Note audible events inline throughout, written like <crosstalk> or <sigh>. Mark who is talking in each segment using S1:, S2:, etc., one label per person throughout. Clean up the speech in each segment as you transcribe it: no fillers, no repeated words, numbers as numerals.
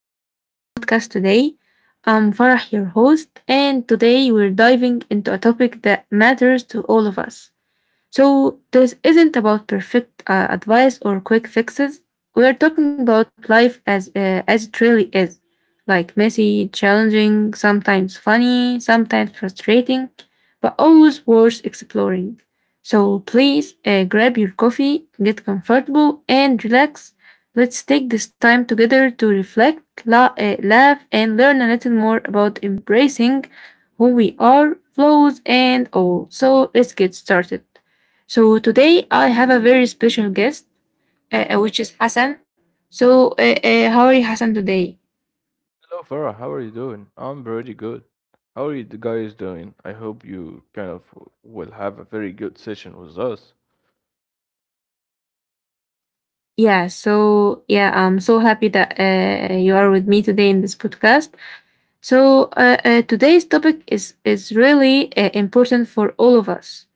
S1: to our podcast today. I'm Farah, your host, and today we're diving into a topic that matters to all of us. So, this isn't about perfect advice or quick fixes. We're talking about life as it really is, like messy, challenging, sometimes funny, sometimes frustrating, but always worth exploring. So, please grab your coffee, get comfortable, and relax. Let's take this time together to reflect, laugh, and learn a little more about embracing who we are, flaws, and all. So, let's get started. So today I have a very special guest, which is Hassan. So how are you, Hassan, today?
S2: Hello, Farah. How are you doing? I'm pretty good. How are you guys doing? I hope you kind of will have a very good session with us.
S1: Yeah. So yeah, I'm so happy that you are with me today in this podcast. So today's topic is really important for all of us.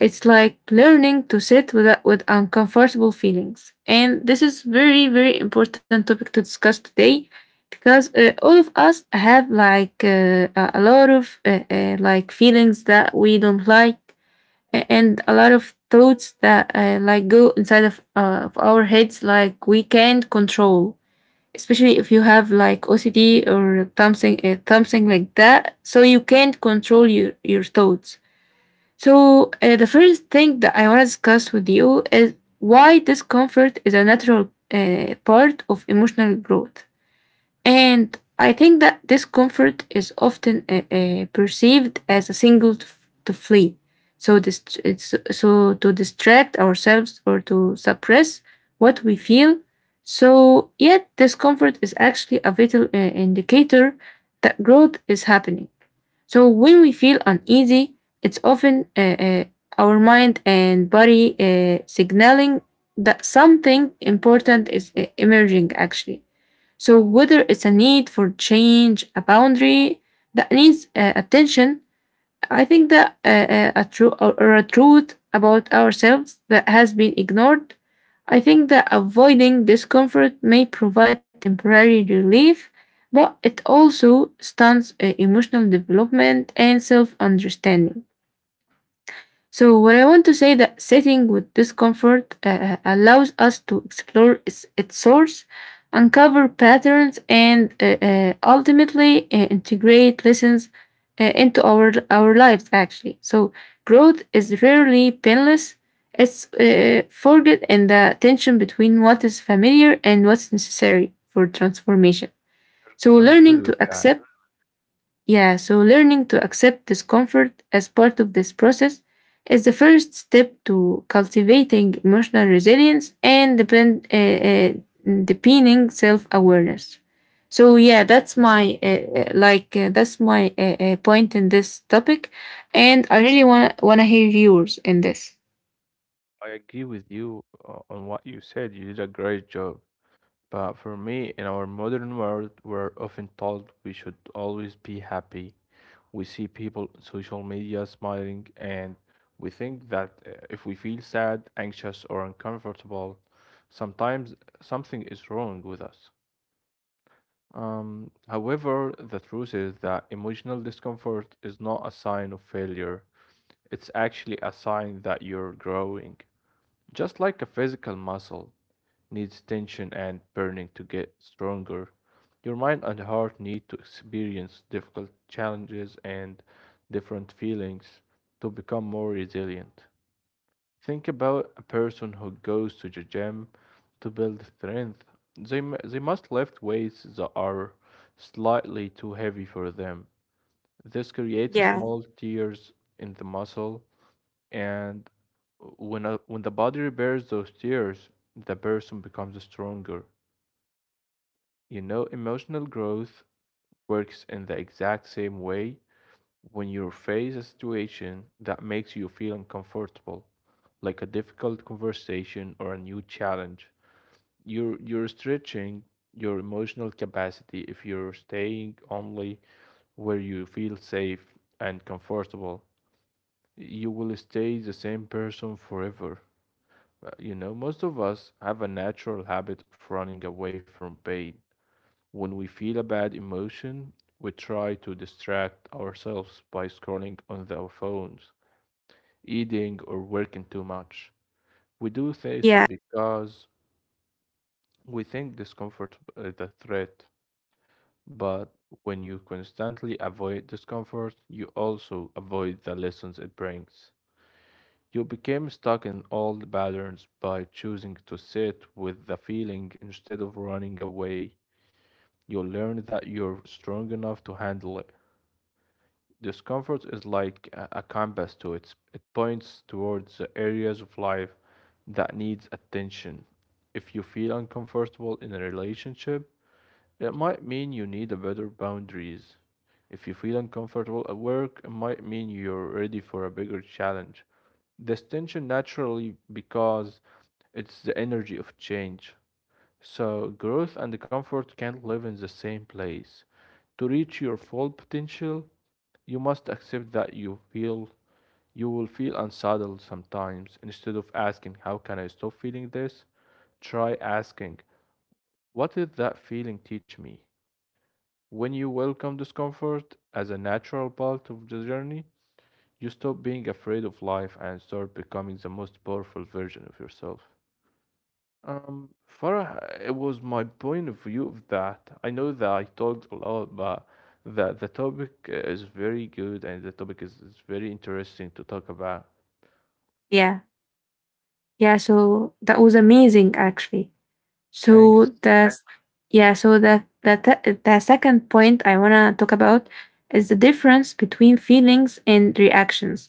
S1: It's like learning to sit with uncomfortable feelings. And this is very, very important topic to discuss today because all of us have like a lot of like feelings that we don't like and a lot of thoughts that like go inside of our heads like we can't control, especially if you have like OCD or something like that, so you can't control your thoughts. So, the first thing that I want to discuss with you is why discomfort is a natural part of emotional growth. And I think that discomfort is often perceived as a signal to flee. So, so to distract ourselves or to suppress what we feel. So, yet discomfort is actually a vital indicator that growth is happening. So when we feel uneasy, it's often our mind and body signaling that something important is emerging actually. So whether it's a need for change, a boundary that needs attention, I think that a true or a truth about ourselves that has been ignored. I think that avoiding discomfort may provide temporary relief, but it also stunts emotional development and self understanding. So what I want to say that sitting with discomfort allows us to explore its source, uncover patterns, and ultimately integrate lessons into our lives. Actually, so growth is rarely painless. It's forget in the tension between what is familiar and what's necessary for transformation. So
S2: I'm
S1: learning
S2: good with
S1: to
S2: that.
S1: accept, yeah, so learning to accept discomfort as part of this process is the first step to cultivating emotional resilience and deepening self awareness. So yeah, that's my point in this topic, and I really want to hear yours in this.
S2: I agree with you on what you said. You did a great job. But for me, in our modern world, we're often told we should always be happy. We see people on social media smiling, and we think that if we feel sad, anxious, or uncomfortable, sometimes something is wrong with us. However, the truth is that emotional discomfort is not a sign of failure. It's actually a sign that you're growing. Just like a physical muscle needs tension and burning to get stronger, your mind and heart need to experience difficult challenges and different feelings to become more resilient. Think about a person who goes to the gym to build strength. They must lift weights that are slightly too heavy for them. This creates
S1: Yeah,
S2: small tears in the muscle, and when the body repairs those tears, the person becomes stronger. You know, emotional growth works in the exact same way when you face a situation that makes you feel uncomfortable, like a difficult conversation or a new challenge. You're stretching your emotional capacity if you're staying only where you feel safe and comfortable. You will stay the same person forever. You know, most of us have a natural habit of running away from pain when we feel a bad emotion, we try to distract ourselves by scrolling on our phones, eating, or working too much. We do this
S1: yeah.
S2: because we think discomfort is a threat. But when you constantly avoid discomfort, you also avoid the lessons it brings. You became stuck in old patterns by choosing to sit with the feeling instead of running away. You learned that you're strong enough to handle it. Discomfort is like a compass to it. It points towards the areas of life that needs attention. If you feel uncomfortable in a relationship, it might mean you need a better boundaries. If you feel uncomfortable at work, it might mean you're ready for a bigger challenge. This tension naturally because it's the energy of change. So growth and comfort can't live in the same place. To reach your full potential, you must accept that you will feel unsettled sometimes. Instead of asking, "How can I stop feeling this?" Try asking, "What did that feeling teach me?" When you welcome discomfort as a natural part of the journey, you stop being afraid of life and start becoming the most powerful version of yourself. Farah, it was my point of view of that. I know that I talked a lot, but the topic is very good and the topic is very interesting to talk about.
S1: Yeah, yeah. So that was amazing, actually.
S2: Thanks.
S1: So that's, yeah. So the second point I wanna talk about is the difference between feelings and reactions.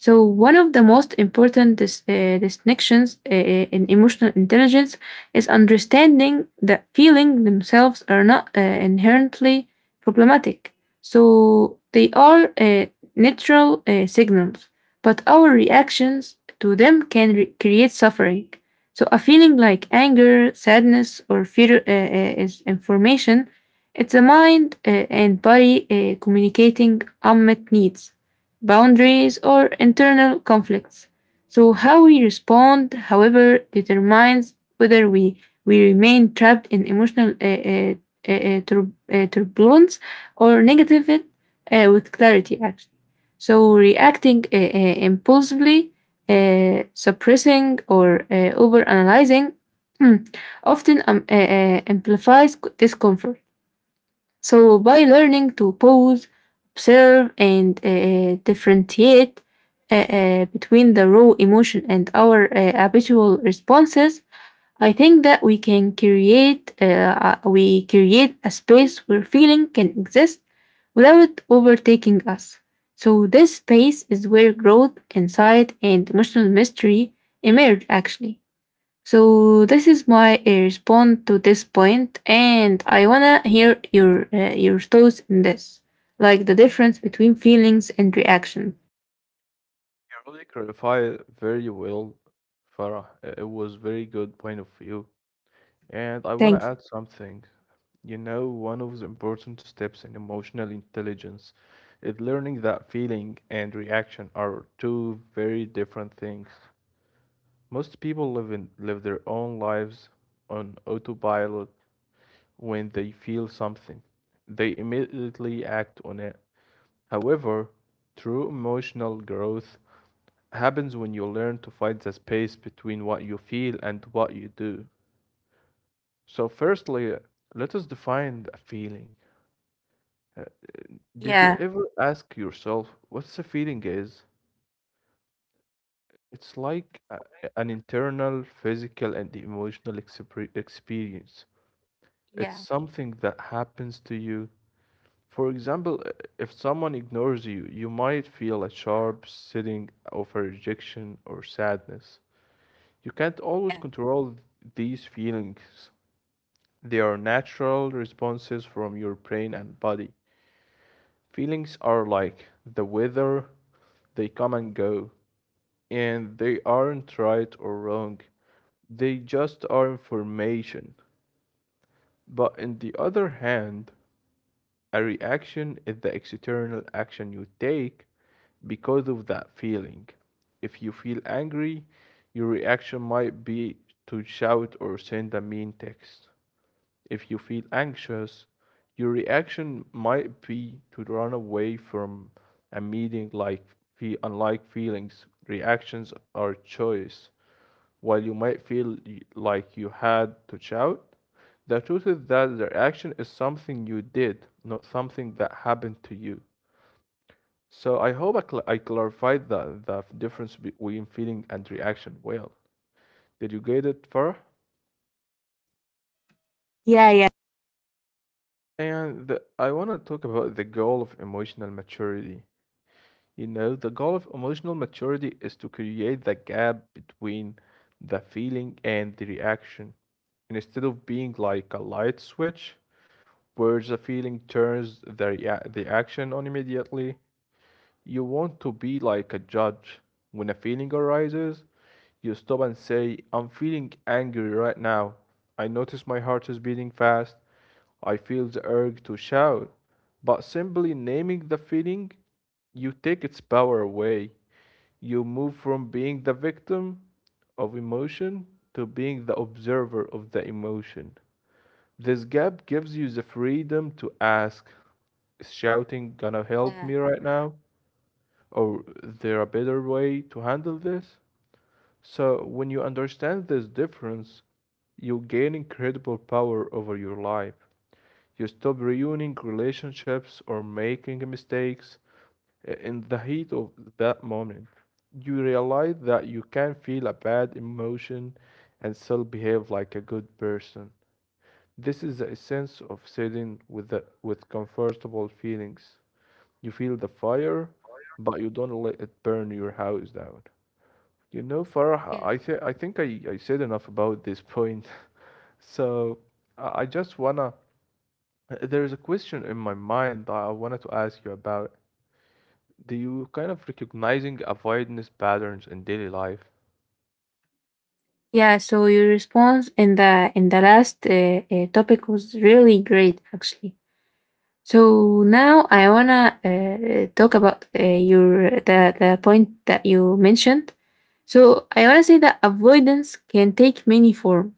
S1: So, one of the most important distinctions in emotional intelligence is understanding that feelings themselves are not inherently problematic. So, they are natural signals, but our reactions to them can create suffering. So, a feeling like anger, sadness, or fear is information. It's a mind and body communicating unmet needs, boundaries, or internal conflicts. So, how we respond, however, determines whether we remain trapped in emotional turbulence or negative it with clarity, actually. So, reacting impulsively, suppressing, or overanalyzing <clears throat> often amplifies discomfort. So by learning to pause, observe, and differentiate between the raw emotion and our habitual responses, I think that we can create a space where feeling can exist without overtaking us. So this space is where growth, insight, and emotional mystery emerge actually. So this is my response to this point, and I wanna hear your thoughts in this, like the difference between feelings and reaction.
S2: You really clarified it very well, Farah. It was very good point of view. And I want to
S1: Thank you.
S2: add something. You know, one of the important steps in emotional intelligence is learning that feeling and reaction are two very different things. Most people live their own lives on autopilot when they feel something. They immediately act on it. However, true emotional growth happens when you learn to find the space between what you feel and what you do. So, firstly, let us define a feeling. Uh, Did you
S1: Yeah,
S2: ever ask yourself what's a feeling is? It's like an internal, physical, and emotional experience.
S1: yeah,
S2: It's something that happens to you. For example, if someone ignores you, you might feel a sharp sitting of a rejection or sadness. You can't always
S1: yeah,
S2: control these feelings. They are natural responses from your brain and body. Feelings are like the weather, they come and go, and they aren't right or wrong. They just are information. But on the other hand, a reaction is the external action you take because of that feeling. If you feel angry, your reaction might be to shout or send a mean text. If you feel anxious, your reaction might be to run away from a meeting like unlike feelings. Reactions are choice. While you might feel like you had to shout, the truth is that the reaction is something you did, not something that happened to you. So I hope I clarified the difference between feeling and reaction well. Did you get it, Farah?
S1: yeah, yeah,
S2: I want to talk about the goal of emotional maturity. You know, the goal of emotional maturity is to create the gap between the feeling and the reaction. Instead of being like a light switch, where the feeling turns the action on immediately. You want to be like a judge. When a feeling arises, you stop and say, "I'm feeling angry right now. I notice my heart is beating fast. I feel the urge to shout." But simply naming the feeling, you take its power away. You move from being the victim of emotion to being the observer of the emotion. This gap gives you the freedom to ask, is shouting gonna help
S1: yeah,
S2: me right now? Or is there a better way to handle this? So, when you understand this difference, you gain incredible power over your life. You stop ruining relationships or making mistakes in the heat of that moment. You realize that you can feel a bad emotion and still behave like a good person. This is the essence of sitting with the, with comfortable feelings. You feel the fire, but you don't let it burn your house down. You know, Farah,
S1: yeah.
S2: I th I think I said enough about this point. <laughs> So I just wanna, there's a question in my mind that I wanted to ask you about. Do you kind of recognizing avoidance patterns in daily life?
S1: Yeah. So your response in the last topic was really great, actually. So now I wanna talk about your the point that you mentioned. So I wanna say that avoidance can take many forms,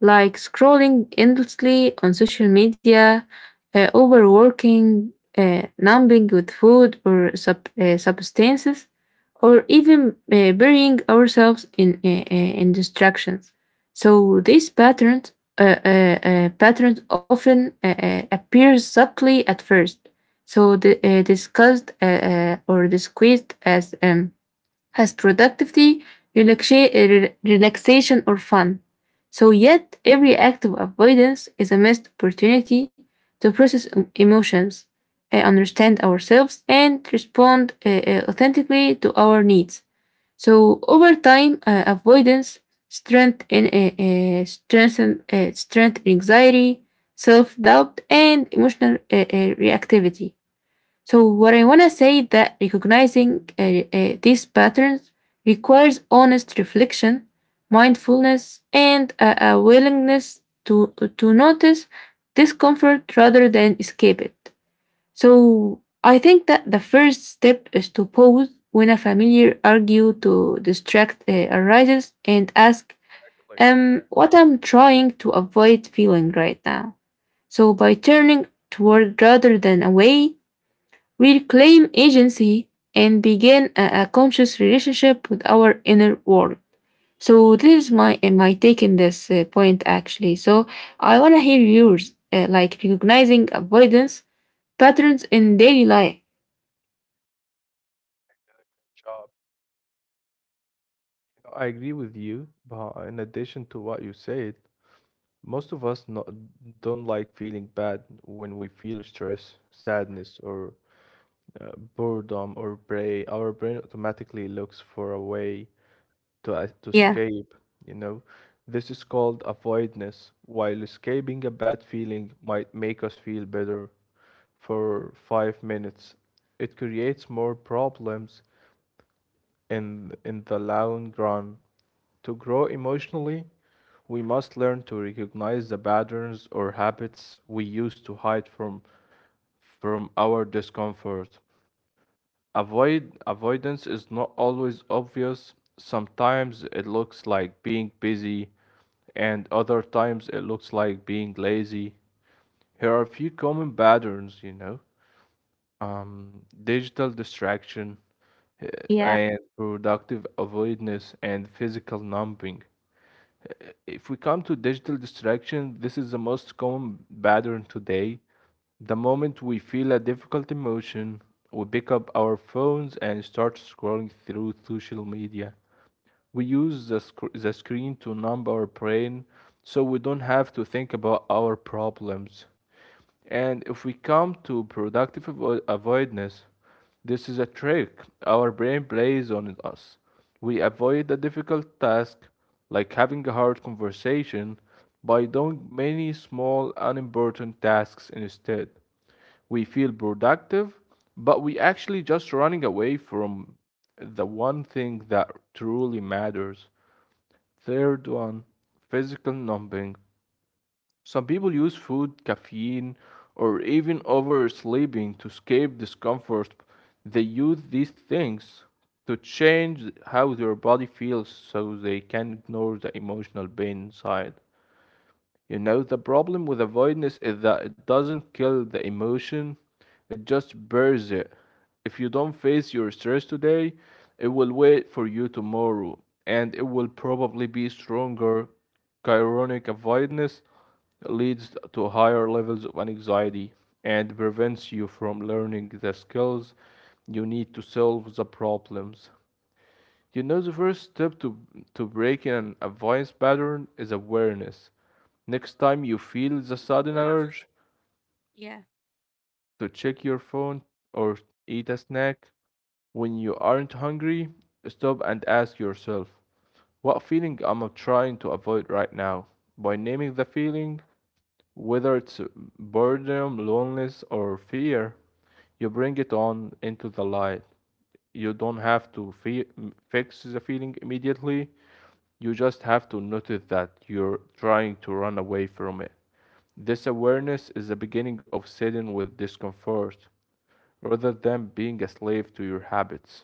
S1: like scrolling endlessly on social media, overworking, numbing with food or substances, or even burying ourselves in distractions. So these patterns often appear subtly at first, so the, discussed or disguised as productivity, relaxa- uh, relaxation, or fun. So yet every act of avoidance is a missed opportunity to process emotions, understand ourselves, and respond authentically to our needs. So over time, avoidance strength in strengthen strength anxiety, self doubt, and emotional reactivity. So what I want to say that recognizing these patterns requires honest reflection, mindfulness, and a willingness to notice discomfort rather than escape it. So I think that the first step is to pause when a familiar argue to distract arises and ask, what I'm trying to avoid feeling right now. So by turning toward rather than away, we reclaim agency and begin a conscious relationship with our inner world. So this is my my take in this point actually. So I wanna hear yours, like recognizing avoidance patterns in daily life.
S2: Job. I agree with you, but in addition to what you said, most of us no, don't like feeling bad when we feel stress, sadness, or boredom or prey. Our brain automatically looks for a way to
S1: Yeah.
S2: escape, you know. This is called avoidance. While escaping a bad feeling might make us feel better for 5 minutes, it creates more problems in the long run. To grow emotionally, we must learn to recognize the patterns or habits we use to hide from our discomfort. Avoidance is not always obvious. Sometimes it looks like being busy, and other times it looks like being lazy. Here are a few common patterns, you know digital distraction uh,
S1: Yeah.
S2: and productive avoidance and physical numbing. Uh, If we come to digital distraction, this is the most common pattern today. The moment we feel a difficult emotion, we pick up our phones and start scrolling through social media. We use the screen to numb our brain so we don't have to think about our problems. And if we come to productive avoidance, this is a trick our brain plays on us. We avoid a difficult task, like having a hard conversation, by doing many small, unimportant tasks instead. We feel productive, but we actually just running away from the one thing that truly matters. Third one, physical numbing. Some people use food, caffeine, or even oversleeping to escape discomfort. They use these things to change how their body feels so they can ignore the emotional pain inside. You know, the problem with avoidance is that it doesn't kill the emotion, it just buries it. If you don't face your stress today, it will wait for you tomorrow, and it will probably be stronger. Chronic avoidance leads to higher levels of anxiety and prevents you from learning the skills you need to solve the problems. You know, the first step to breaking an avoidance pattern is awareness. Next time you feel the sudden urge
S1: Yeah.
S2: to check your phone or eat a snack when you aren't hungry, stop and ask yourself, what feeling am I trying to avoid right now? By naming the feeling, whether it's boredom, loneliness, or fear, you bring it on into the light. You don't have to fix the feeling immediately. You just have to notice that you're trying to run away from it. This awareness is the beginning of sitting with discomfort rather than being a slave to your habits.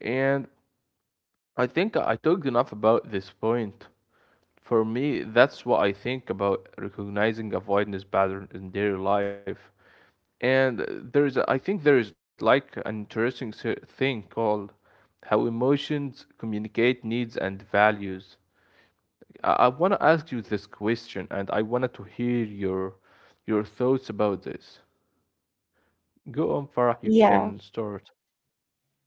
S2: And I think I talked enough about this point. For me, that's what I think about recognizing avoidance pattern in daily life. And there is, I think there is like an interesting thing called how emotions communicate needs and values. I want to ask you this question, and I wanted to hear your thoughts about this. Go on, Farah. You
S1: Yeah,
S2: can start.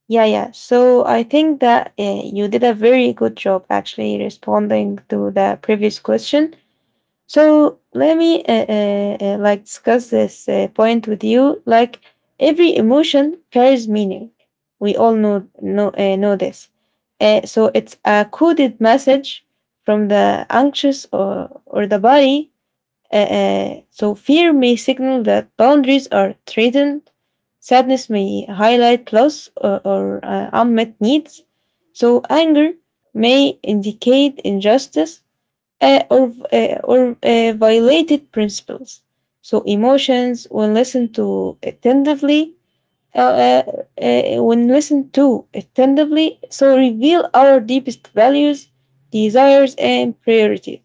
S1: yeah, yeah. So I think that you did a very good job actually responding to the previous question. So let me like discuss this point with you. Like every emotion carries meaning. We all know this. So it's a coded message from the anxious or the body. So fear may signal that boundaries are threatened. Sadness may highlight loss unmet needs. So anger may indicate injustice or violated principles. So emotions, when listened to attentively, uh, uh, so reveal our deepest values, desires, and priorities.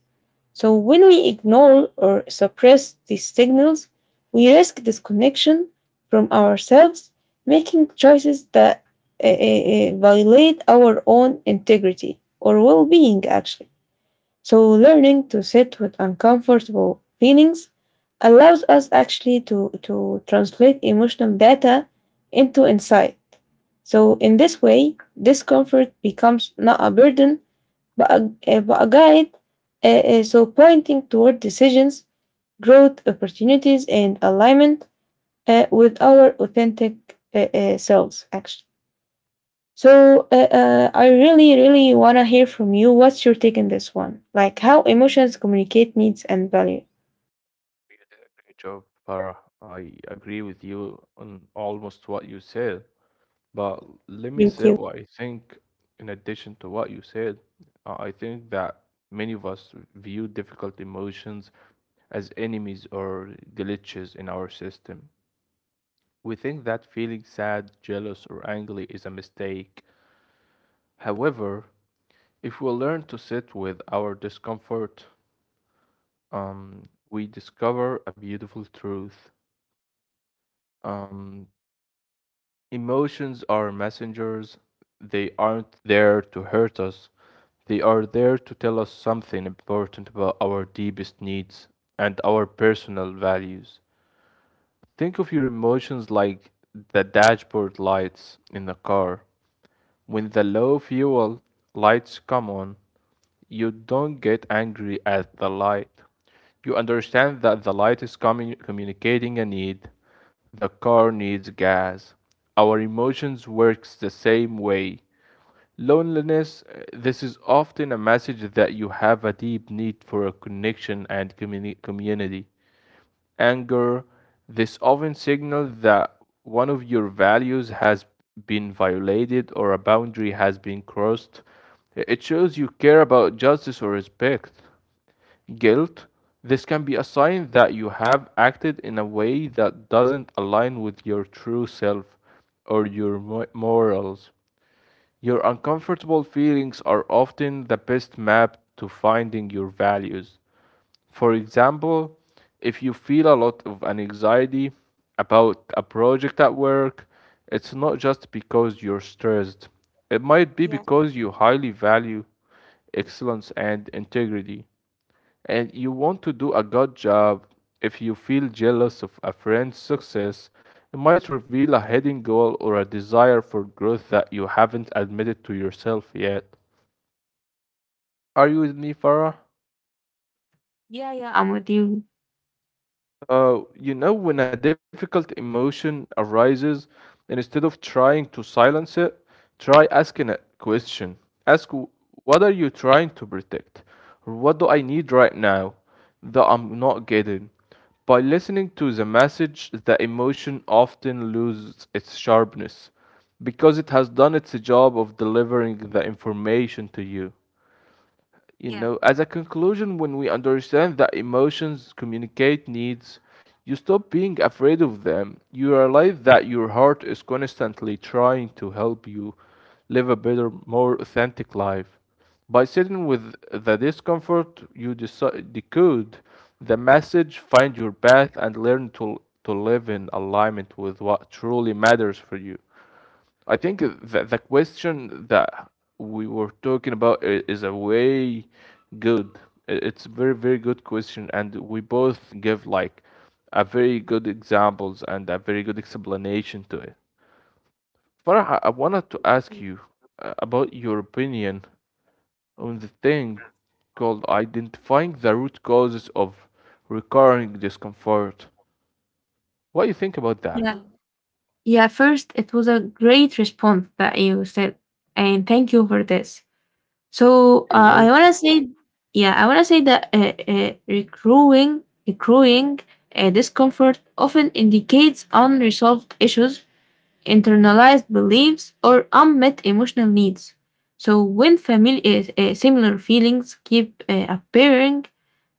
S1: So, when we ignore or suppress these signals, we risk disconnection from ourselves, making choices that violate our own integrity or well being, actually. So, learning to sit with uncomfortable feelings allows us actually to translate emotional data into insight. So, in this way, discomfort becomes not a burden but a guide, so pointing toward decisions, growth, opportunities, and alignment with our authentic selves, actually. So I really, really want to hear from you. What's your take on this one? Like how emotions communicate needs and value.
S2: You did a great job, Farah. I agree with you on almost what you said, but let me
S1: Thank
S2: say
S1: you.
S2: what I think. In addition to what you said, I think that many of us view difficult emotions as enemies or glitches in our system. We think that feeling sad, jealous, or angry is a mistake. However, if we learn to sit with our discomfort, um, we discover a beautiful truth. Um, Emotions are messengers. They aren't there to hurt us, they are there to tell us something important about our deepest needs and our personal values. Think of your emotions like the dashboard lights in a car. When the low fuel lights come on, you don't get angry at the light. You understand that the light is communicating a need. The car needs gas. Our emotions works the same way. Loneliness, this is often a message that you have a deep need for a connection and community. Anger, this often signals that one of your values has been violated or a boundary has been crossed. It shows you care about justice or respect. Guilt, this can be a sign that you have acted in a way that doesn't align with your true self or your morals. Your uncomfortable feelings are often the best map to finding your values. For example, if you feel a lot of anxiety about a project at work, it's not just because you're stressed. It might be
S1: Yeah.
S2: because you highly value excellence and integrity, and you want to do a good job. If you feel jealous of a friend's success, it might reveal a hidden goal or a desire for growth that you haven't admitted to yourself yet. Are you with me, Farah?
S1: Yeah, yeah, I'm with you.
S2: When a difficult emotion arises, and instead of trying to silence it, try asking a question. Ask, what are you trying to protect? Or what do I need right now that I'm not getting? By listening to the message, the emotion often loses its sharpness because it has done its job of delivering the information to you you
S1: Yeah.
S2: know As a conclusion, when we understand that emotions communicate needs, you stop being afraid of them. You realize that your heart is constantly trying to help you live a better, more authentic life. By sitting with the discomfort, you decode the message, find your path, and learn to live in alignment with what truly matters for you. I think the question that we were talking about is a way good. It's a very, very good question, and we both give like a very good examples and a very good explanation to it. Farah, I wanted to ask
S1: Mm,
S2: you about your opinion on the thing called identifying the root causes of recurring discomfort. What do you think about that?
S1: yeah. Mm. Yeah, first, it was a great response that you said, and thank you for this. So,
S2: You're
S1: I
S2: welcome.
S1: wanna say, yeah, I wanna say that recruiting discomfort often indicates unresolved issues, internalized beliefs, or unmet emotional needs. So, when family similar feelings keep appearing,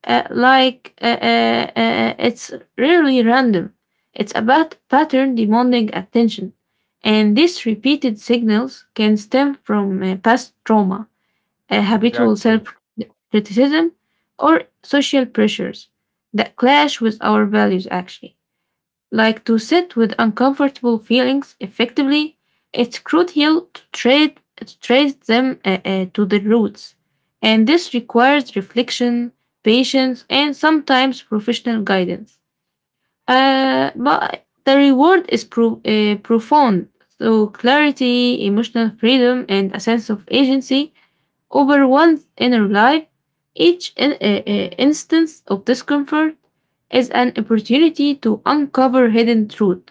S1: it's rarely random. It's about pattern demanding attention, and these repeated signals can stem from past trauma, habitual
S2: Exactly.
S1: self criticism, or social pressures that clash with our values, actually. Like to sit with uncomfortable feelings effectively, it's crucial to trace them to the roots. And this requires reflection, patience, and sometimes professional guidance. But the reward is profound. So, clarity, emotional freedom, and a sense of agency over one's inner life, each instance of discomfort is an opportunity to uncover hidden truth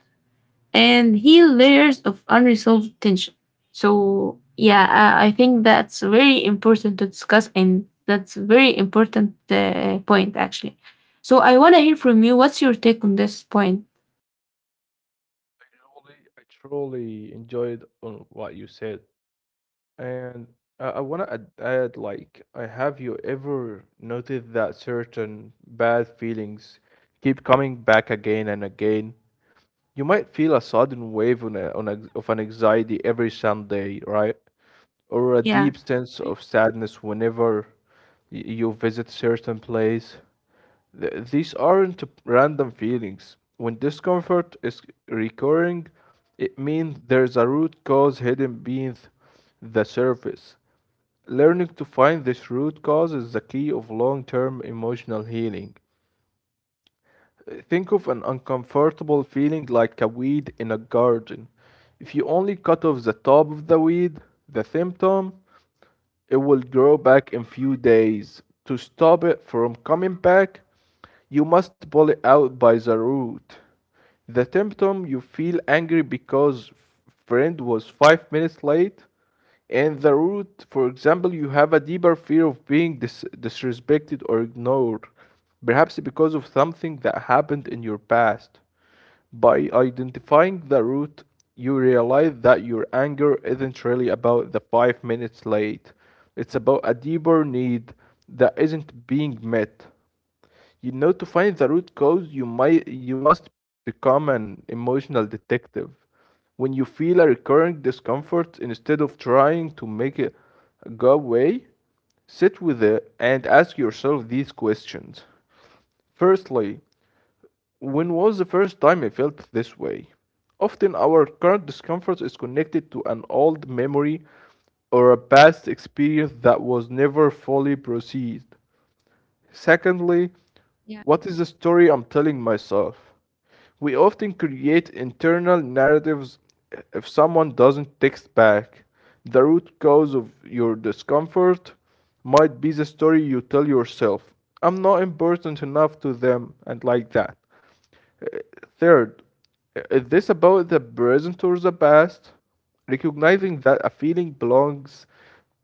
S1: and heal layers of unresolved tension. So, yeah, I think that's very important to discuss, and that's very important point actually. So, I want to hear from you. What's your take on this point?
S2: Truly, I truly enjoyed on what you said, and I want to like, I have you ever noticed that certain bad feelings keep coming back again and again? You might feel a sudden wave of an anxiety every Sunday, right? Or a
S1: Yeah.
S2: deep sense of sadness whenever you visit certain place. These aren't random feelings. When discomfort is recurring, it means there's a root cause hidden beneath the surface. Learning to find this root cause is the key of long term emotional healing. Think of an uncomfortable feeling like a weed in a garden. If you only cut off the top of the weed, the symptom, it will grow back in few days. To stop it from coming back, you must pull it out by the root. The symptom, you feel angry because friend was 5 minutes late, and the root, for example, you have a deeper fear of being disrespected or ignored, perhaps because of something that happened in your past. By identifying the root, you realize that your anger isn't really about the 5 minutes late. It's about a deeper need that isn't being met. You know, to find the root cause, you must become an emotional detective. When you feel a recurring discomfort, instead of trying to make it go away, sit with it and ask yourself these questions. Firstly, when was the first time I felt this way? Often, our current discomfort is connected to an old memory or a past experience that was never fully processed. Secondly,
S1: Yeah.
S2: what is the story I'm telling myself? We often create internal narratives if someone doesn't text back. The root cause of your discomfort might be the story you tell yourself. I'm not important enough to them, and like that. Third, is this about the present or the past? Recognizing that a feeling belongs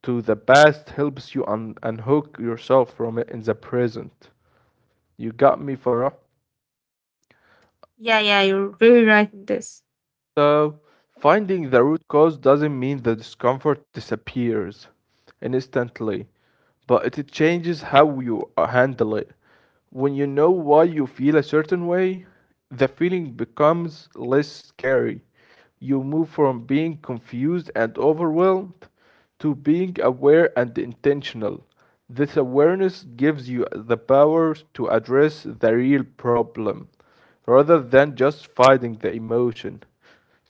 S2: to the past helps you unhook yourself from it in the present. You got me, Farah?
S1: Yeah, yeah, you're very right in this.
S2: So, finding the root cause doesn't mean the discomfort disappears instantly, but it changes how you handle it. When you know why you feel a certain way, the feeling becomes less scary. You move from being confused and overwhelmed to being aware and intentional. This awareness gives you the power to address the real problem rather than just fighting the emotion.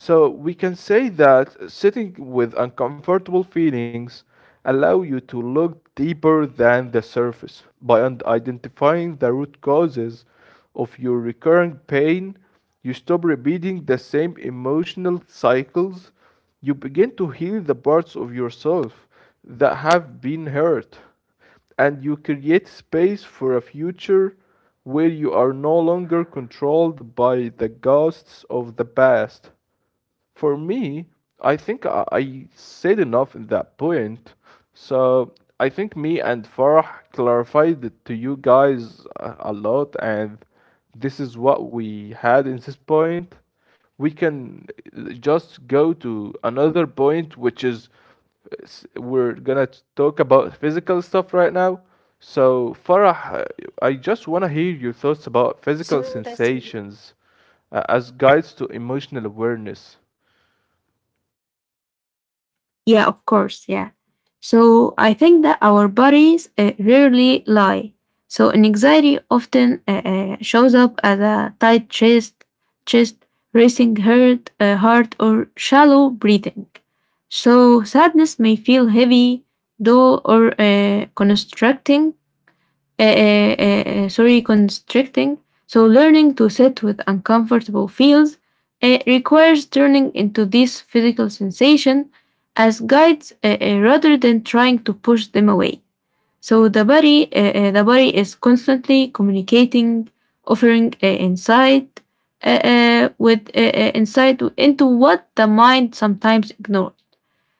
S2: So we can say that sitting with uncomfortable feelings allow you to look deeper than the surface by identifying the root causes of your recurring pain. You stop repeating the same emotional cycles. You begin to heal the parts of yourself that have been hurt, and you create space for a future where you are no longer controlled by the ghosts of the past. For me, I think I said enough in that point. So I think me and Farah clarified it to you guys a lot, and this is what we had in this point. We can just go to another point, which is we're gonna talk about physical stuff right now. So Farah, I
S1: Yeah,
S2: just
S1: yeah,
S2: wanna
S1: right.
S2: hear your thoughts about
S1: So
S2: physical
S1: that's,
S2: sensations as guides to emotional awareness.
S1: yeah, of course. Yeah. So I think that our bodies rarely lie. So an anxiety often shows up as a tight chest, racing heart or shallow breathing. So sadness may feel heavy, dull, or constricting. So learning to sit with uncomfortable feels requires turning into this physical sensation as guides rather than trying to push them away. So the body is constantly communicating, offering insight into what the mind sometimes ignores.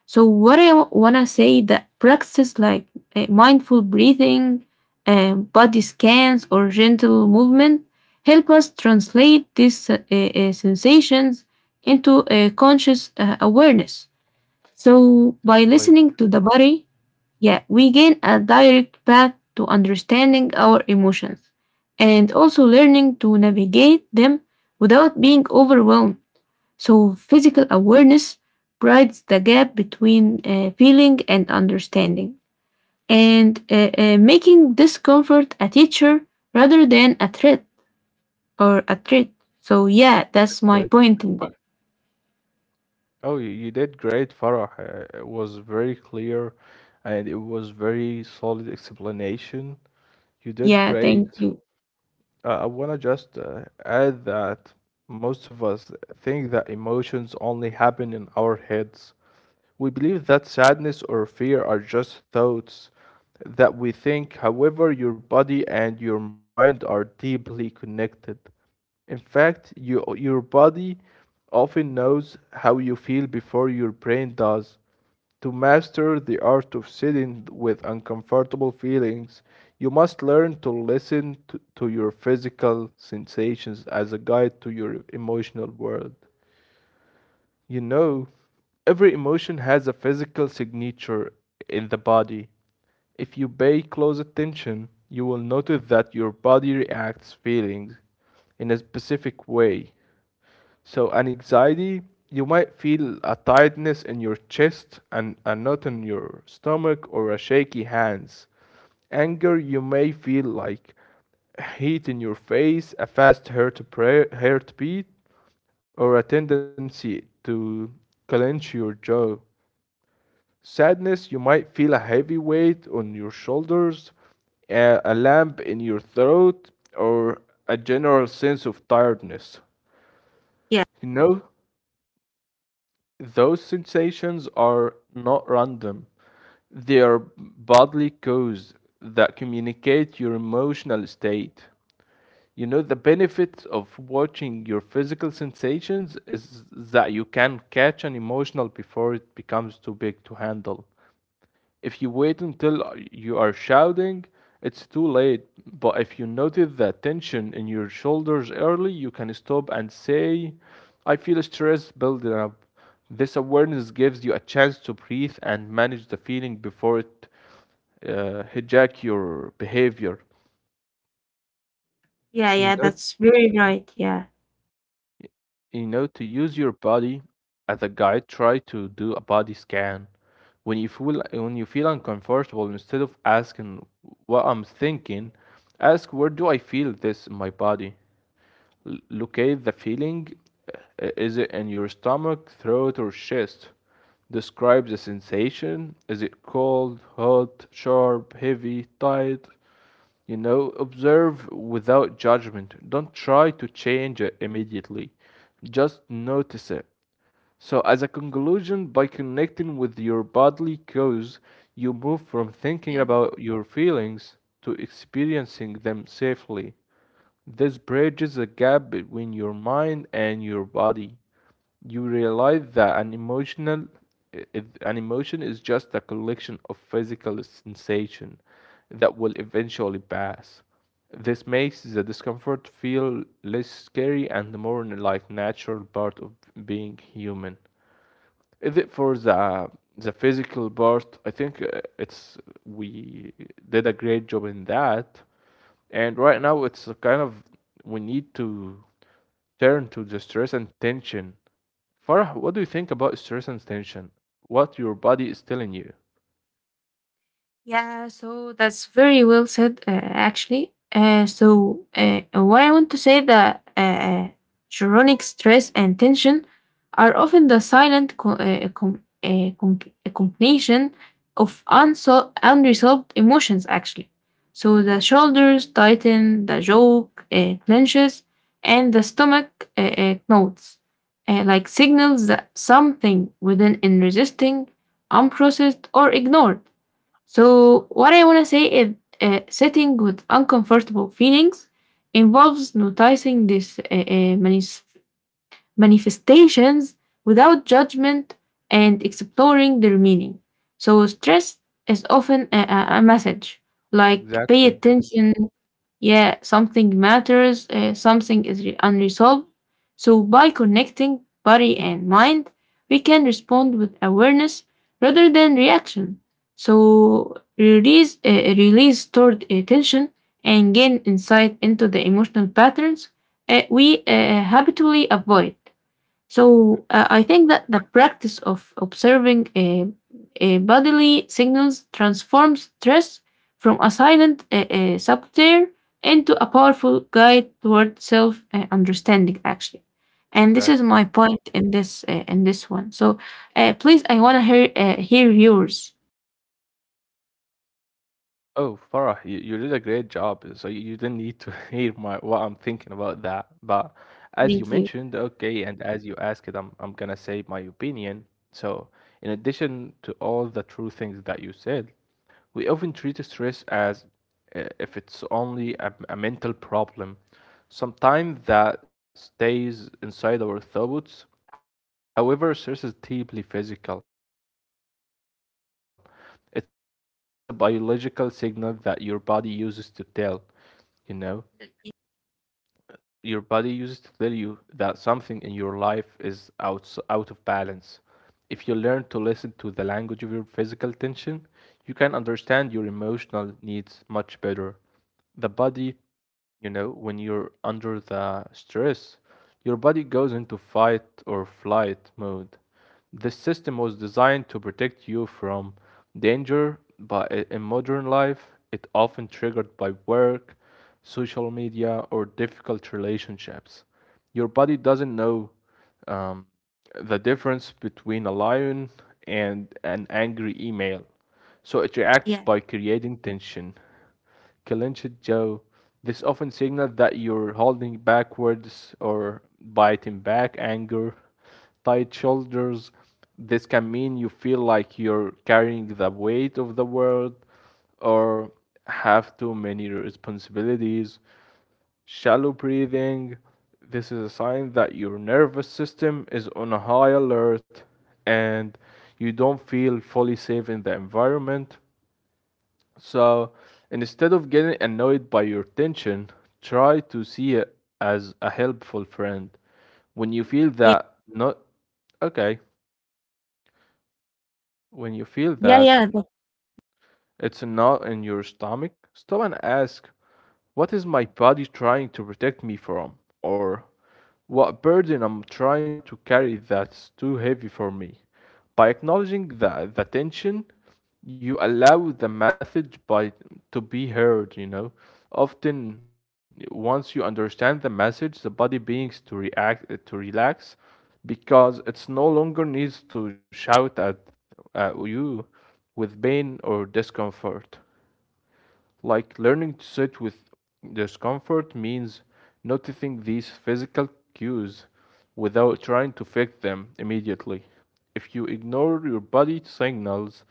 S1: So what I wanna say that practices like mindful breathing, body scans, or gentle movement help us translate these sensations into a conscious awareness.
S2: Exactly.
S1: So by listening to the body, yeah, we gain a direct path to understanding our emotions and also learning to navigate them without being overwhelmed. So physical awareness bridges the gap between feeling and understanding, and making discomfort a teacher rather than a threat or a threat. So, yeah, that's my
S2: Exactly.
S1: point in that.
S2: Oh, you did great, Farah. It was very clear and it was very solid explanation. You did
S1: Yeah, thank
S2: great.
S1: you.
S2: I want to just add that most of us think that emotions only happen in our heads. We believe that sadness or fear are just thoughts that we think. However, your body and your mind are deeply connected. In fact, your body often knows how you feel before your brain does. To master the art of sitting with uncomfortable feelings, you must learn to to your physical sensations as a guide to your emotional world. You know, every emotion has a physical signature in the body. If you pay close attention, you will notice that your body reacts feelings in a specific way. So, an anxiety, you might feel a tightness in your chest and a knot in your stomach or a shaky hands. Anger, you may feel like heat in your face, a fast heartbeat, or a tendency to clench your jaw. Sadness, you might feel a heavy weight on your shoulders, a lump in your throat, or a general sense of tiredness.
S1: Yeah,
S2: You know, those sensations are not random. They are bodily cues that communicate your emotional state. You know, the benefit of watching your physical sensations is that you can catch an emotional before it becomes too big to handle. If you wait until you are shouting, it's too late. But if you notice the tension in your shoulders early, you can stop and say, I feel stress building up. This awareness gives you a chance to breathe and manage the feeling before it hijack your behavior.
S1: yeah,
S2: You
S1: yeah,
S2: know,
S1: that's very right. Yeah.
S2: you know, to use your body as a guide, try to do a body scan when you feel uncomfortable. Instead of asking what I'm thinking, ask, where do I feel this in my body? Locate the feeling. Is it in your stomach, throat, or chest? Describe the sensation. Is it cold, hot, sharp, heavy, tight? You know, observe without judgment. Don't try to change it immediately. Just notice it. So, as a conclusion, by connecting with your bodily cues, you move from thinking
S1: Yeah.
S2: about your feelings to experiencing them safely. This bridges a gap between your mind and your body. You realize that an an emotion is just a collection of physical sensation that will eventually pass. This makes the discomfort feel less scary and more like natural part of being human. Is it for the physical part? I think it's we did a great job in that, and right now it's a kind of we need to turn to the stress and tension. Farah, what do you think about stress and tension? What your body is telling you?
S1: Yeah, so that's very well said, actually. So what I want to say that chronic stress and tension are often the silent combination of unresolved emotions, actually. So the shoulders tighten, the jaw clenches, and the stomach knots, like signals that something within is resisting, unprocessed, or ignored. So what I want to say is sitting with uncomfortable feelings involves noticing these manifestations without judgment and exploring their meaning. So stress is often a message like pay
S2: Exactly.
S1: attention, yeah, something matters, something is unresolved. So by connecting body and mind, we can respond with awareness rather than reaction. So release, release stored tension and gain insight into the emotional patterns we habitually avoid. So I think that the practice of observing bodily signals transforms stress from a silent saboteur into a powerful guide toward self understanding, actually. And this is my
S2: Exactly.
S1: point in this one. So please, I want to hear hear yours.
S2: Oh, Farah, you did a great job. So you didn't need to <laughs> hear my what I'm thinking about that. But as you mentioned,
S1: Thank you.
S2: okay, and as you asked it, I'm gonna say my opinion. So in addition to all the true things that you said, we often treat stress as if it's only a mental problem, sometimes that stays inside our thoughts. However, stress is deeply physical. It's a biological signal that your body uses to tell, you know, your body uses to tell you that something in your life is out of balance. If you learn to listen to the language of your physical tension, you can understand your emotional needs much better. The body when you're under the stress, your body goes into fight or flight mode. This system was designed to protect you from danger, but in modern life, it often triggered by work, social media, or difficult relationships. Your body doesn't know um, the difference between a lion and an angry email, so it reacts by
S1: Yeah,
S2: creating tension. Clenched jaw. This often signals that you're holding backwards or biting back anger. Tight shoulders. This can mean you feel like you're carrying the weight of the world or have too many responsibilities. Shallow breathing. This is a sign that your nervous system is on a high alert and you don't feel fully safe in the environment. So instead of getting annoyed by your tension, try to see it as a helpful friend. When you feel
S1: yeah,
S2: that, not okay, when you feel
S1: yeah,
S2: that,
S1: yeah.
S2: it's a knot in your stomach. Stop and ask, what is my body trying to protect me from? Or what burden I'm trying to carry that's too heavy for me? By acknowledging the tension, you allow the message by to be heard. Often once you understand the message, the body begins to react to relax because it's no longer needs to shout at you with pain or discomfort. Like learning to sit with discomfort means noticing these physical cues without trying to fix them immediately. If you ignore your body signals,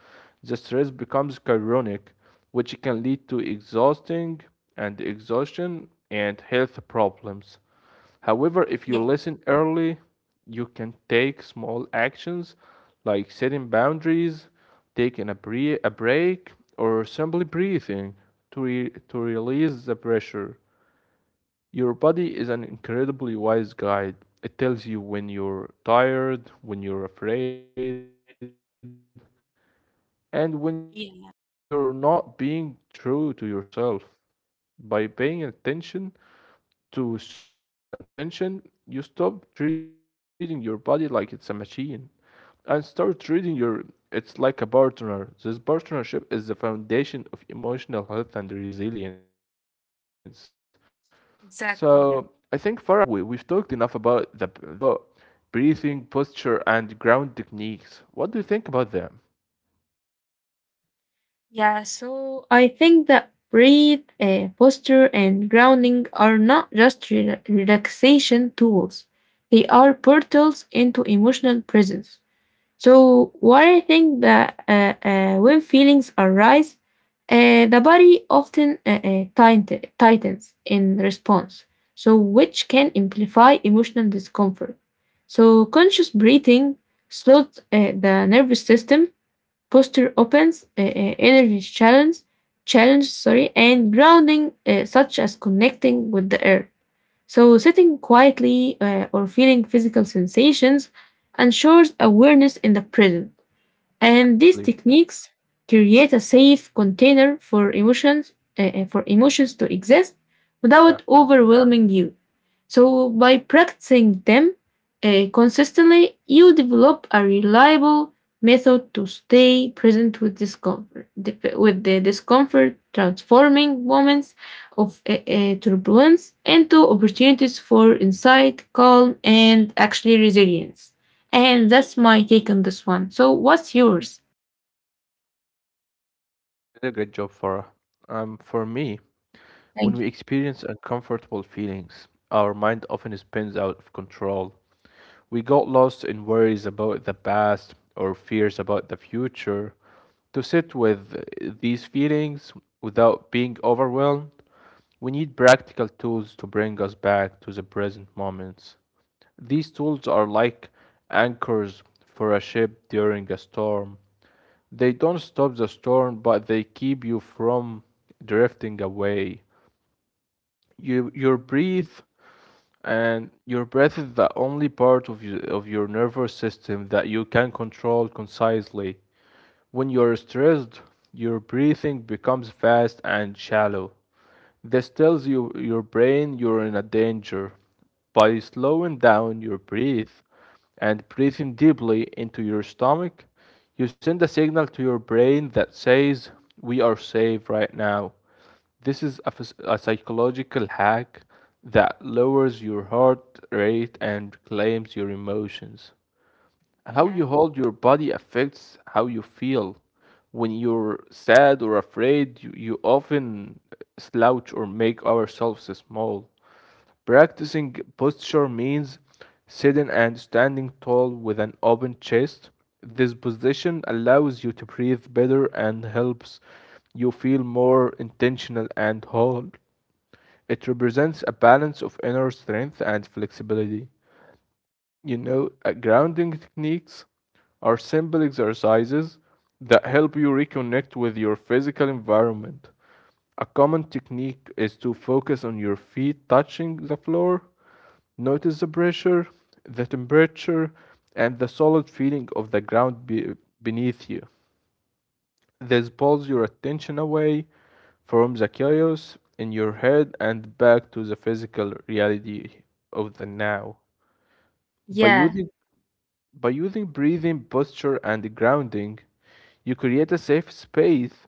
S2: the stress becomes chronic, which can lead to exhausting and exhaustion and health problems. However, if you
S1: Yeah,
S2: listen early, you can take small actions like setting boundaries, taking a break, or simply breathing to release the pressure. Your body is an incredibly wise guide. It tells you when you're tired, when you're afraid, and when you're not being true to
S1: yeah.
S2: yourself. By paying attention to stress and tension, you stop treating your body like it's a machine and start treating your it's like a partner. This partnership is the foundation of emotional health and resilience. So I think Farah, we've talked enough about the stress and tension.
S1: Exactly, yeah.
S2: I think it's time to talk about breathing, posture, and ground techniques. What do you think about them?
S1: Yeah, so I think that breathe, posture, and grounding are not just relaxation tools, they are portals into emotional presence. So what I think that when feelings arise, the body often tightens in response, so which can amplify emotional discomfort. So conscious breathing slows the nervous system, posture opens, energy challenge, challenge, sorry, and grounding, such as connecting with the earth. So sitting quietly or feeling physical sensations ensures awareness in the present. And these
S2: Lee?
S1: techniques create a safe container for emotions to exist without
S2: Yeah,
S1: overwhelming you. So by practicing them consistently, you develop a reliable method to stay present with discomfort, with the discomfort, transforming moments of turbulence into opportunities for insight, calm, and actually resilience. And that's my take on this one. So what's yours?
S2: you did a great job, Farah. For me, when we
S1: Thank you.
S2: experience uncomfortable feelings, our mind often spins out of control. We got lost in worries about the past or fears about the future. To sit with these feelings without being overwhelmed, we need practical tools to bring us back to the present moments. These tools are like anchors for a ship during a storm. They don't stop the storm, but they keep you from drifting away you your breath and your breath is the only part of you, of your nervous system that you can control concisely. When you're stressed, your breathing becomes fast and shallow. This tells you your brain you're in a danger. By slowing down your breath and breathing deeply into your stomach, you send a signal to your brain that says, we are safe right now. This is a psychological hack that lowers your heart rate and calms your emotions. How
S1: Yeah.
S2: you hold your body affects how you feel. When you're sad or afraid, you often slouch or make ourselves small. Practicing posture means sitting and standing tall with an open chest. This position allows you to breathe better and helps you feel more intentional and whole. It represents a balance of inner strength and flexibility. You know, grounding techniques are simple exercises that help you reconnect with your physical environment. A common technique is to focus on your feet touching the floor, notice the pressure, the temperature, and the solid feeling of the ground beneath you. This pulls your attention away from the chaos in your head and back to the physical reality of the now. By
S1: Yeah.
S2: using By using breathing, posture, and grounding, you create a safe space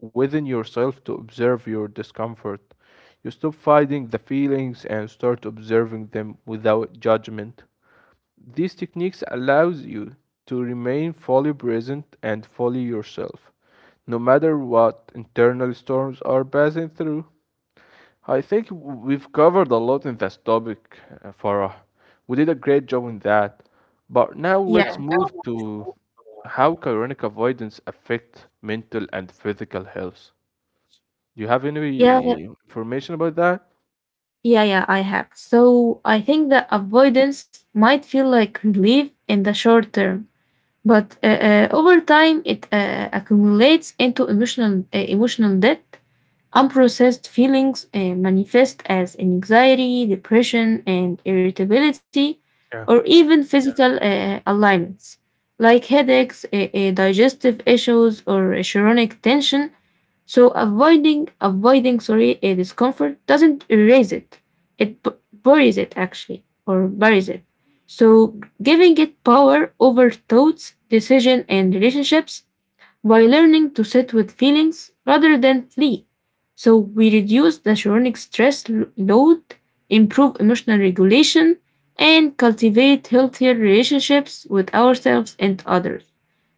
S2: within yourself to observe your discomfort. You stop fighting the feelings and start observing them without judgment. These techniques allows you to remain fully present and fully yourself, no matter what internal storms are passing through. I think we've covered a lot in this topic, Farah. We did a great job in that. But now let's
S1: Yeah.
S2: move to how chronic avoidance affect mental and physical health. Do you have
S1: Yeah.
S2: any information about that?
S1: Yeah. Yeah, I have. So I think that avoidance might feel like relief in the short term, but over time it accumulates into emotional debt. Unprocessed feelings manifest as anxiety, depression, and irritability, or
S2: Yeah,
S1: even physical alignments like headaches, digestive issues, or chronic tension. So avoiding sorry a discomfort doesn't erase it; it buries it, actually, or buries it. So giving it power over thoughts, decision, and relationships by learning to sit with feelings rather than flee. So we reduce the chronic stress load, improve emotional regulation, and cultivate healthier relationships with ourselves and others.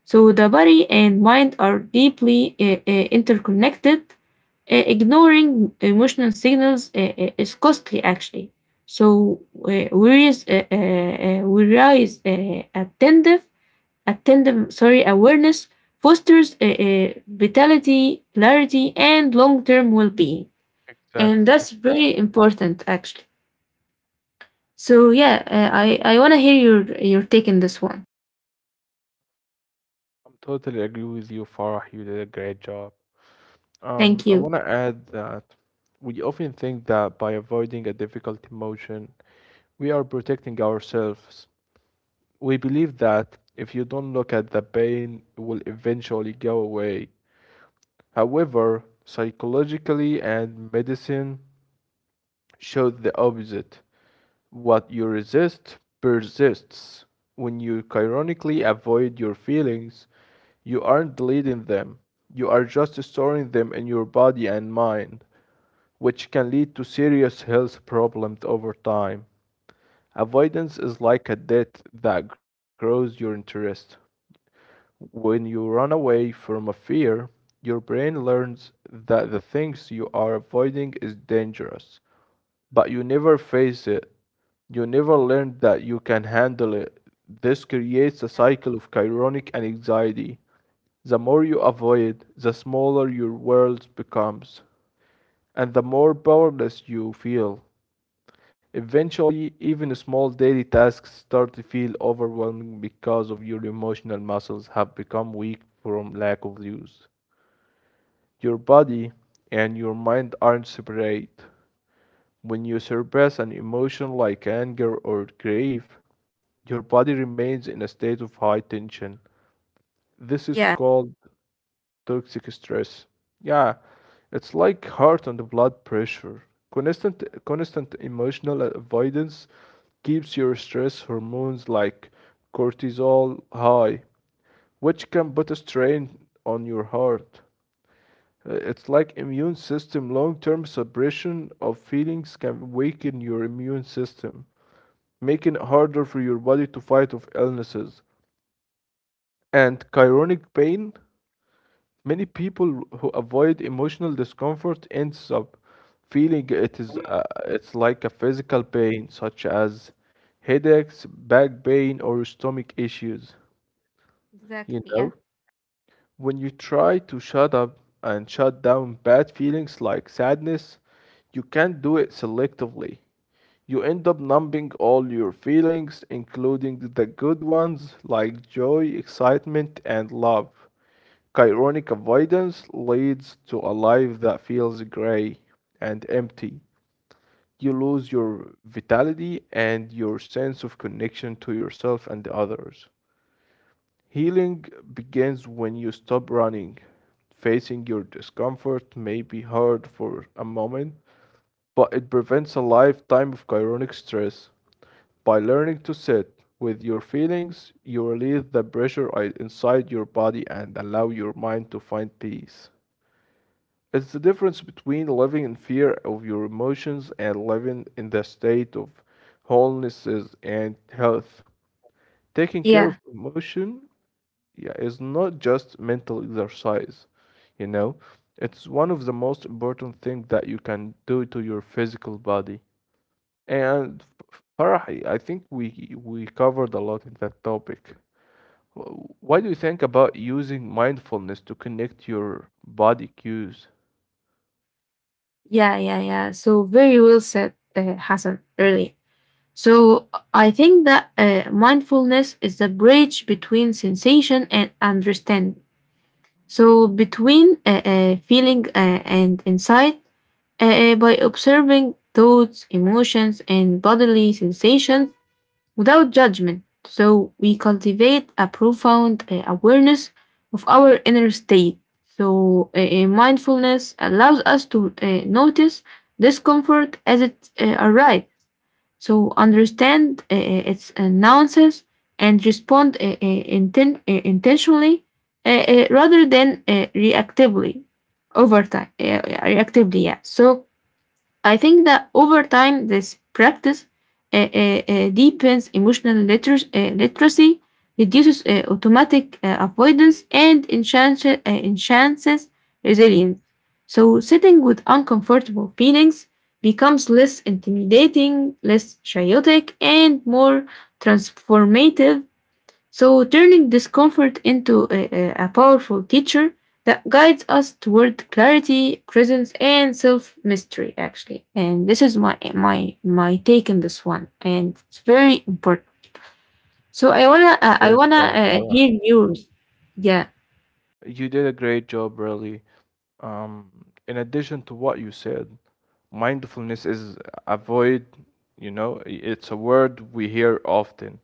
S1: So the body and mind are deeply interconnected. Ignoring emotional signals is costly, actually. So we rise attentive attendant sorry awareness fosters vitality, clarity, and long-term well-being, and that's
S2: exactly.
S1: very important, actually. So yeah, I want to hear your take in this one.
S2: I'm totally agree with you, Farah. You did a great job. Um,
S1: Thank
S2: I
S1: you.
S2: want to add that we often think that by avoiding a difficult emotion, we are protecting ourselves. We believe that if you don't look at the pain, it will eventually go away. However, psychologically and medicine show the opposite. What you resist persists. When you chronically avoid your feelings, you aren't deleting them. You are just storing them in your body and mind, which can lead to serious health problems over time. Avoidance is like a debt that grows your interest. When you run away from a fear, your brain learns that the things you are avoiding is dangerous, but you never face it. You never learn that you can handle it. This creates a
S1: Yeah.
S2: cycle of chronic anxiety. The more you avoid, the smaller your world becomes, and the more powerless you feel. Eventually, even small daily tasks start to feel overwhelming because of your emotional muscles have become weak from lack of use. Your body and your mind aren't separate. When you suppress an emotion like anger or grief, your body remains in a state of high tension. This is
S1: Yeah,
S2: called toxic stress. Yeah, it's like heart and blood pressure. Constant emotional avoidance keeps your stress hormones like cortisol high, which can put a strain on your heart. It's like immune system long-term suppression of feelings can weaken your immune system, making it harder for your body to fight off illnesses. And chronic pain many people who avoid emotional discomfort ends up feeling it is it's like a physical pain such as headaches, back pain or stomach issues. You
S1: exactly. Yeah,
S2: know, when you try to shut up and shut down bad feelings like sadness, you can't do it selectively. You end up numbing all your feelings, including the good ones like joy, excitement, and love. Chironic avoidance leads to a life that feels gray and empty. You lose your vitality and your sense of connection to yourself and others. Healing begins when you stop running. Facing your discomfort may be hard for a moment, but it prevents a lifetime of chronic stress. By learning to sit with your feelings, you release the pressure inside your body and allow your mind to find peace. It's the difference between living in fear of your emotions and living in the state of wholenesses and health. Taking
S1: yeah,
S2: care of emotion yeah, is not just mental exercise, you know, it's one of the most important things that you can do to your physical body. And Farahi, I think we covered a lot in that topic. What do you think about using mindfulness to connect your body cues?
S1: yeah, yeah, yeah. So very well said, Hassan. Really. So I think that mindfulness is the bridge between sensation and understanding. So between feeling and insight. By observing thoughts, emotions, and bodily sensations without judgment. So we cultivate a profound awareness of our inner state. So mindfulness allows us to notice discomfort as it arrives. So understand its nuances and respond intentionally rather than reactively over time, reactively, yeah. So I think that over time, this practice deepens emotional literacy, reduces automatic avoidance, and enhances resilience. So sitting with uncomfortable feelings becomes less intimidating, less chaotic, and more transformative, so turning discomfort into a powerful teacher that guides us toward clarity, presence, and self mastery, actually. And this is my take on this one, and it's very important. So
S2: You did a
S1: I
S2: great
S1: wanna
S2: job, Farah.
S1: hear yours. Yeah,
S2: You did a great job, really. Um, in addition to what you said, mindfulness is avoid, you know, it's a word we hear often,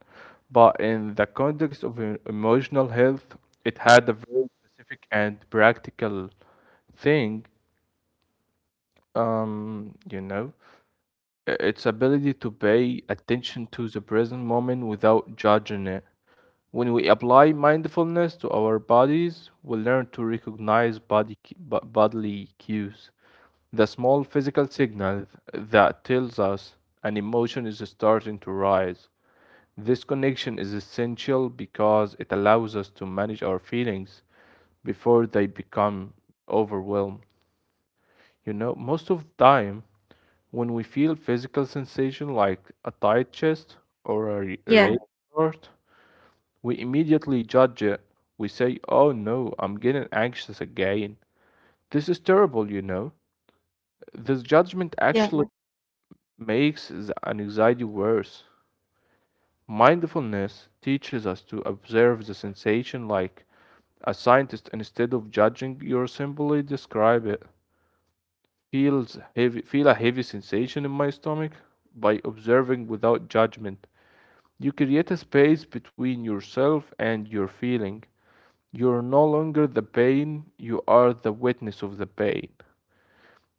S2: but in the context of emotional health, it had a very specific and practical thing. You know, its ability to pay attention to the present moment without judging it. When we apply mindfulness to our bodies, we learn to recognize bodily cues, the small physical signal that tells us an emotion is starting to rise. This connection is essential because it allows us to manage our feelings before they become overwhelmed. You know, most of the time, when we feel physical sensation like a tight chest or a
S1: yeah,
S2: raised heart, we immediately judge it. We say, oh no, I'm getting anxious again. This is terrible, you know. This judgment
S1: yeah,
S2: actually makes the anxiety worse. Mindfulness teaches us to observe the sensation like a scientist instead of judging, you simply describe it. Feels heavy, feel a heavy sensation in my stomach by observing without judgment. You create a space between yourself and your feeling. You're no longer the pain, you are the witness of the pain.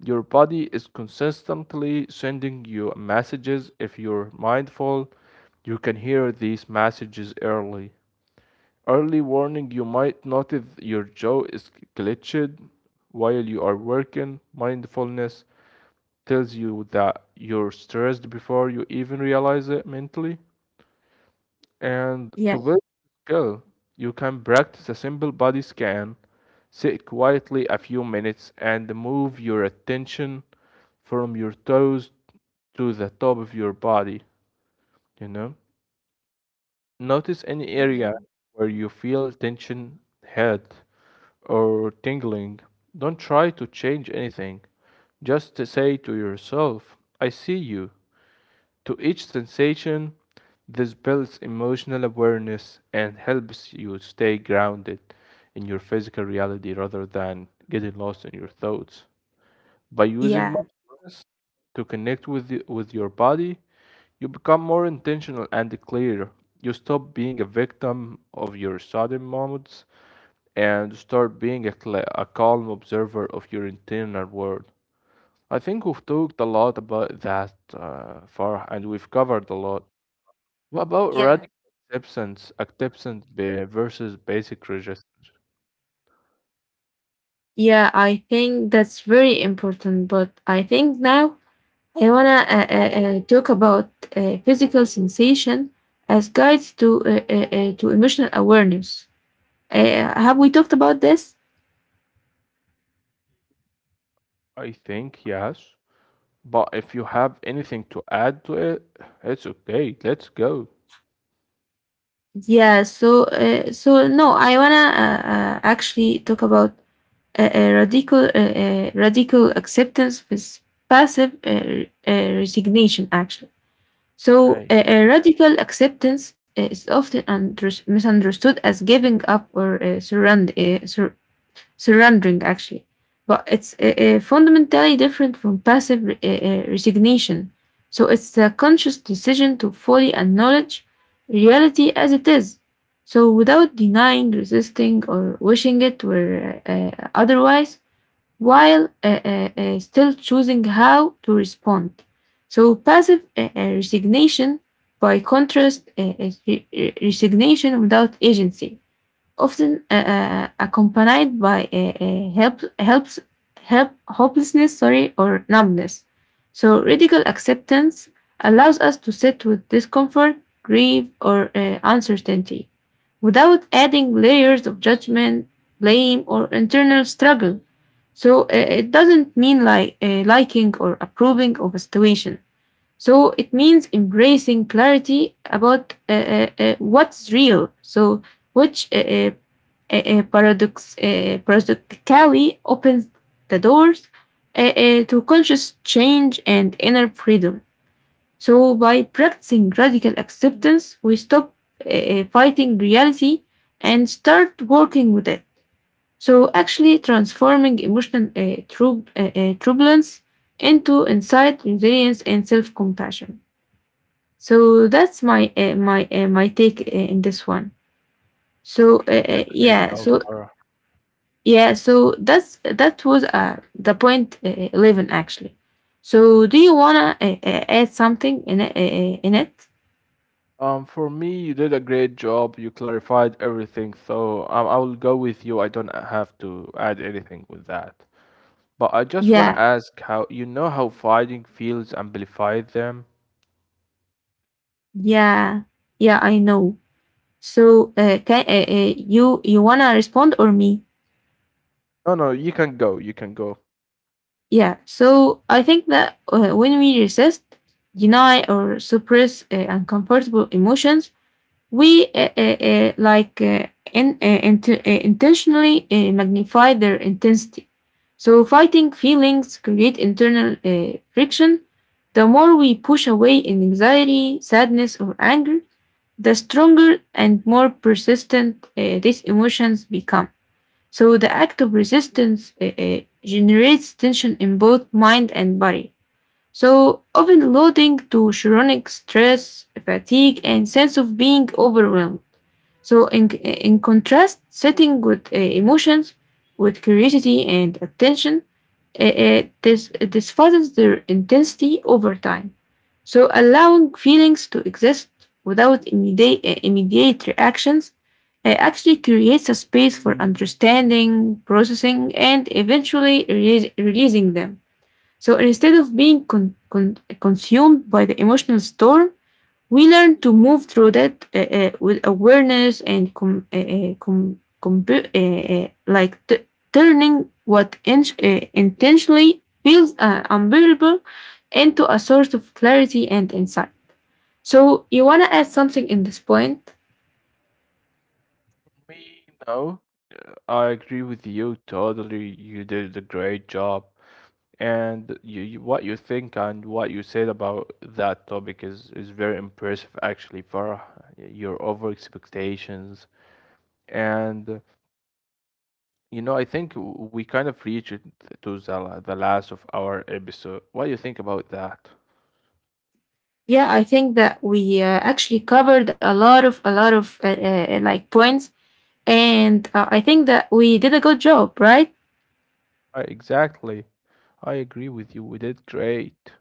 S2: Your body is consistently sending you messages. If you're mindful, you can hear these messages early. Early warning you might notice your jaw is clenched while you are working. Mindfulness tells you that you're stressed before you even realize it mentally. And to
S1: yeah,
S2: build skill, you can practice a simple body scan, sit quietly a few minutes, and move your attention from your toes to the top of your body, you know? Notice any
S1: yeah,
S2: area
S1: yeah,
S2: where you feel tension, head, or tingling. Don't try to change anything. Just to say to yourself, I see you. To each sensation, this builds emotional awareness and helps you stay grounded in your physical reality rather than getting lost in your thoughts. By using
S1: yeah,
S2: mindfulness to connect with, the, with your body, you become more intentional and clear. You stop being a victim of your sudden moments and start being a calm observer of your internal world. I think we've talked a lot about that far, and we've covered a lot. What about
S1: yeah.
S2: radical acceptance versus basic resistance?
S1: Yeah, I think that's very important, but I think now I wanna talk about physical sensation as guides to emotional awareness. Have we talked about this?
S2: I think yes, but if you have anything to add to it, it's okay. Let's go.
S1: Yeah. So so no, I wanna actually talk about radical acceptance with passive resignation. Actually, so
S2: Okay,
S1: radical acceptance is often misunderstood as giving up or surrender. Surrendering, actually, but it's fundamentally different from passive resignation. So it's a conscious decision to fully acknowledge reality as it is, so without denying, resisting, or wishing it were otherwise, while still choosing how to respond. So passive resignation, by contrast, is resignation without agency, often accompanied by a hopelessness, sorry, or numbness. So radical acceptance allows us to sit with discomfort, grief, or uncertainty without adding layers of judgment, blame, or internal struggle. So it doesn't mean like liking or approving of a situation. So it means embracing clarity about what's real. So which paradoxically opens the doors to conscious change and inner freedom. So by practicing radical acceptance, we stop fighting reality and start working with it, so actually transforming emotional turbulence into insight, resilience, and self-compassion. So that's my take in this one. So
S2: great
S1: yeah,
S2: job,
S1: so
S2: Farah.
S1: yeah, so that's that was the point 11, actually. So do you wanna add something in it?
S2: For me, you did a great job. You clarified everything, so I will go with you. I don't have to add anything with that. But I just want to
S1: Yeah,
S2: ask how you know how fighting feels amplified them.
S1: yeah, yeah, I know. So can you, you wanna respond or me?
S2: No, no, you can go. You can go.
S1: Yeah. So I think that when we resist, deny, or suppress uncomfortable emotions, we like intentionally magnify their intensity. So fighting feelings create internal friction. The more we push away in anxiety, sadness, or anger, the stronger and more persistent these emotions become. So the act of resistance generates tension in both mind and body, so often leading to chronic stress, fatigue, and sense of being overwhelmed. So in contrast, sitting with emotions with curiosity and attention, this, this fastens their intensity over time. So allowing feelings to exist without immediate reactions actually creates a space for understanding, processing, and eventually releasing them. So instead of being consumed by the emotional storm, we learn to move through that with awareness and like turning what intentionally feels unbearable into a source of clarity and insight. So you want to add something in this point?
S2: Me, no. I agree with you totally. You did a great job, and what you think and what you said about that topic is very impressive actually, for your over expectations, and you know, I think we kind of reached it to the last of our episode. What do you think about that?
S1: Yeah, I think that we actually covered a lot of like points, and I think that we did a good job, right?
S2: I, exactly. I agree with you. We did great.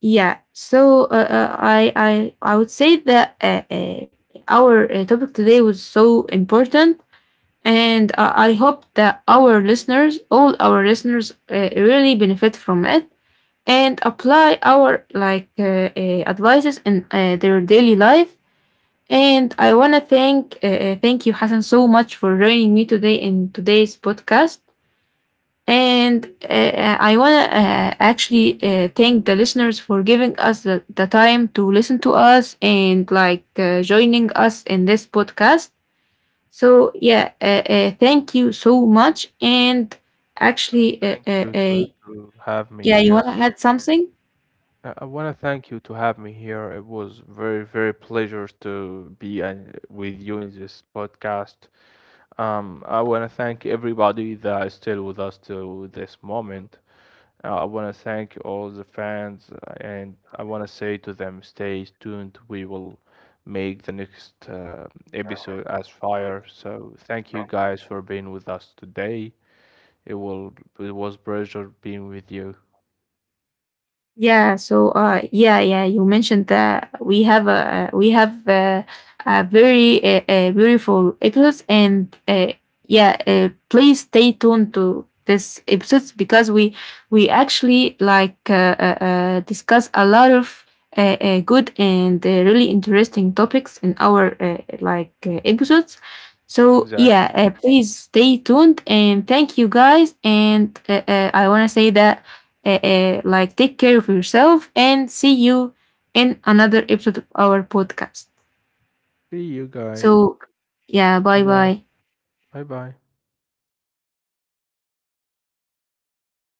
S1: Yeah. So I would say that our topic today was so important, and I hope that our listeners, all our listeners, really benefit from it and apply our like advices in their daily life. And I wanna thank you, Hassan, so much for joining me today in today's podcast. And I want to actually thank the listeners for giving us the time to listen to us and like joining us in this podcast. So yeah, thank you so much. And actually,
S2: Thank you to have me
S1: yeah, you want
S2: here.
S1: to add something?
S2: I want to thank you to have me here. It was very, very pleasure to be with you in this podcast. I want to thank everybody that is still with us to this moment. I want to thank all the fans, and I want to say to them, stay tuned. We will make the next episode as fire. So thank you guys for being with us today. It will, it was pleasure being with you.
S1: Yeah, so uh, yeah, yeah, you mentioned that we have a very beautiful episodes and yeah, please stay tuned to this episodes because we actually like discuss a lot of good and really interesting topics in our like episodes. So yeah,
S2: Exactly.
S1: please stay tuned, and thank you guys, and I want to say that like take care of yourself and see you in another episode of our podcast.
S2: See you guys.
S1: So yeah,
S2: Bye
S1: bye
S2: bye.
S1: bye.
S2: Bye bye.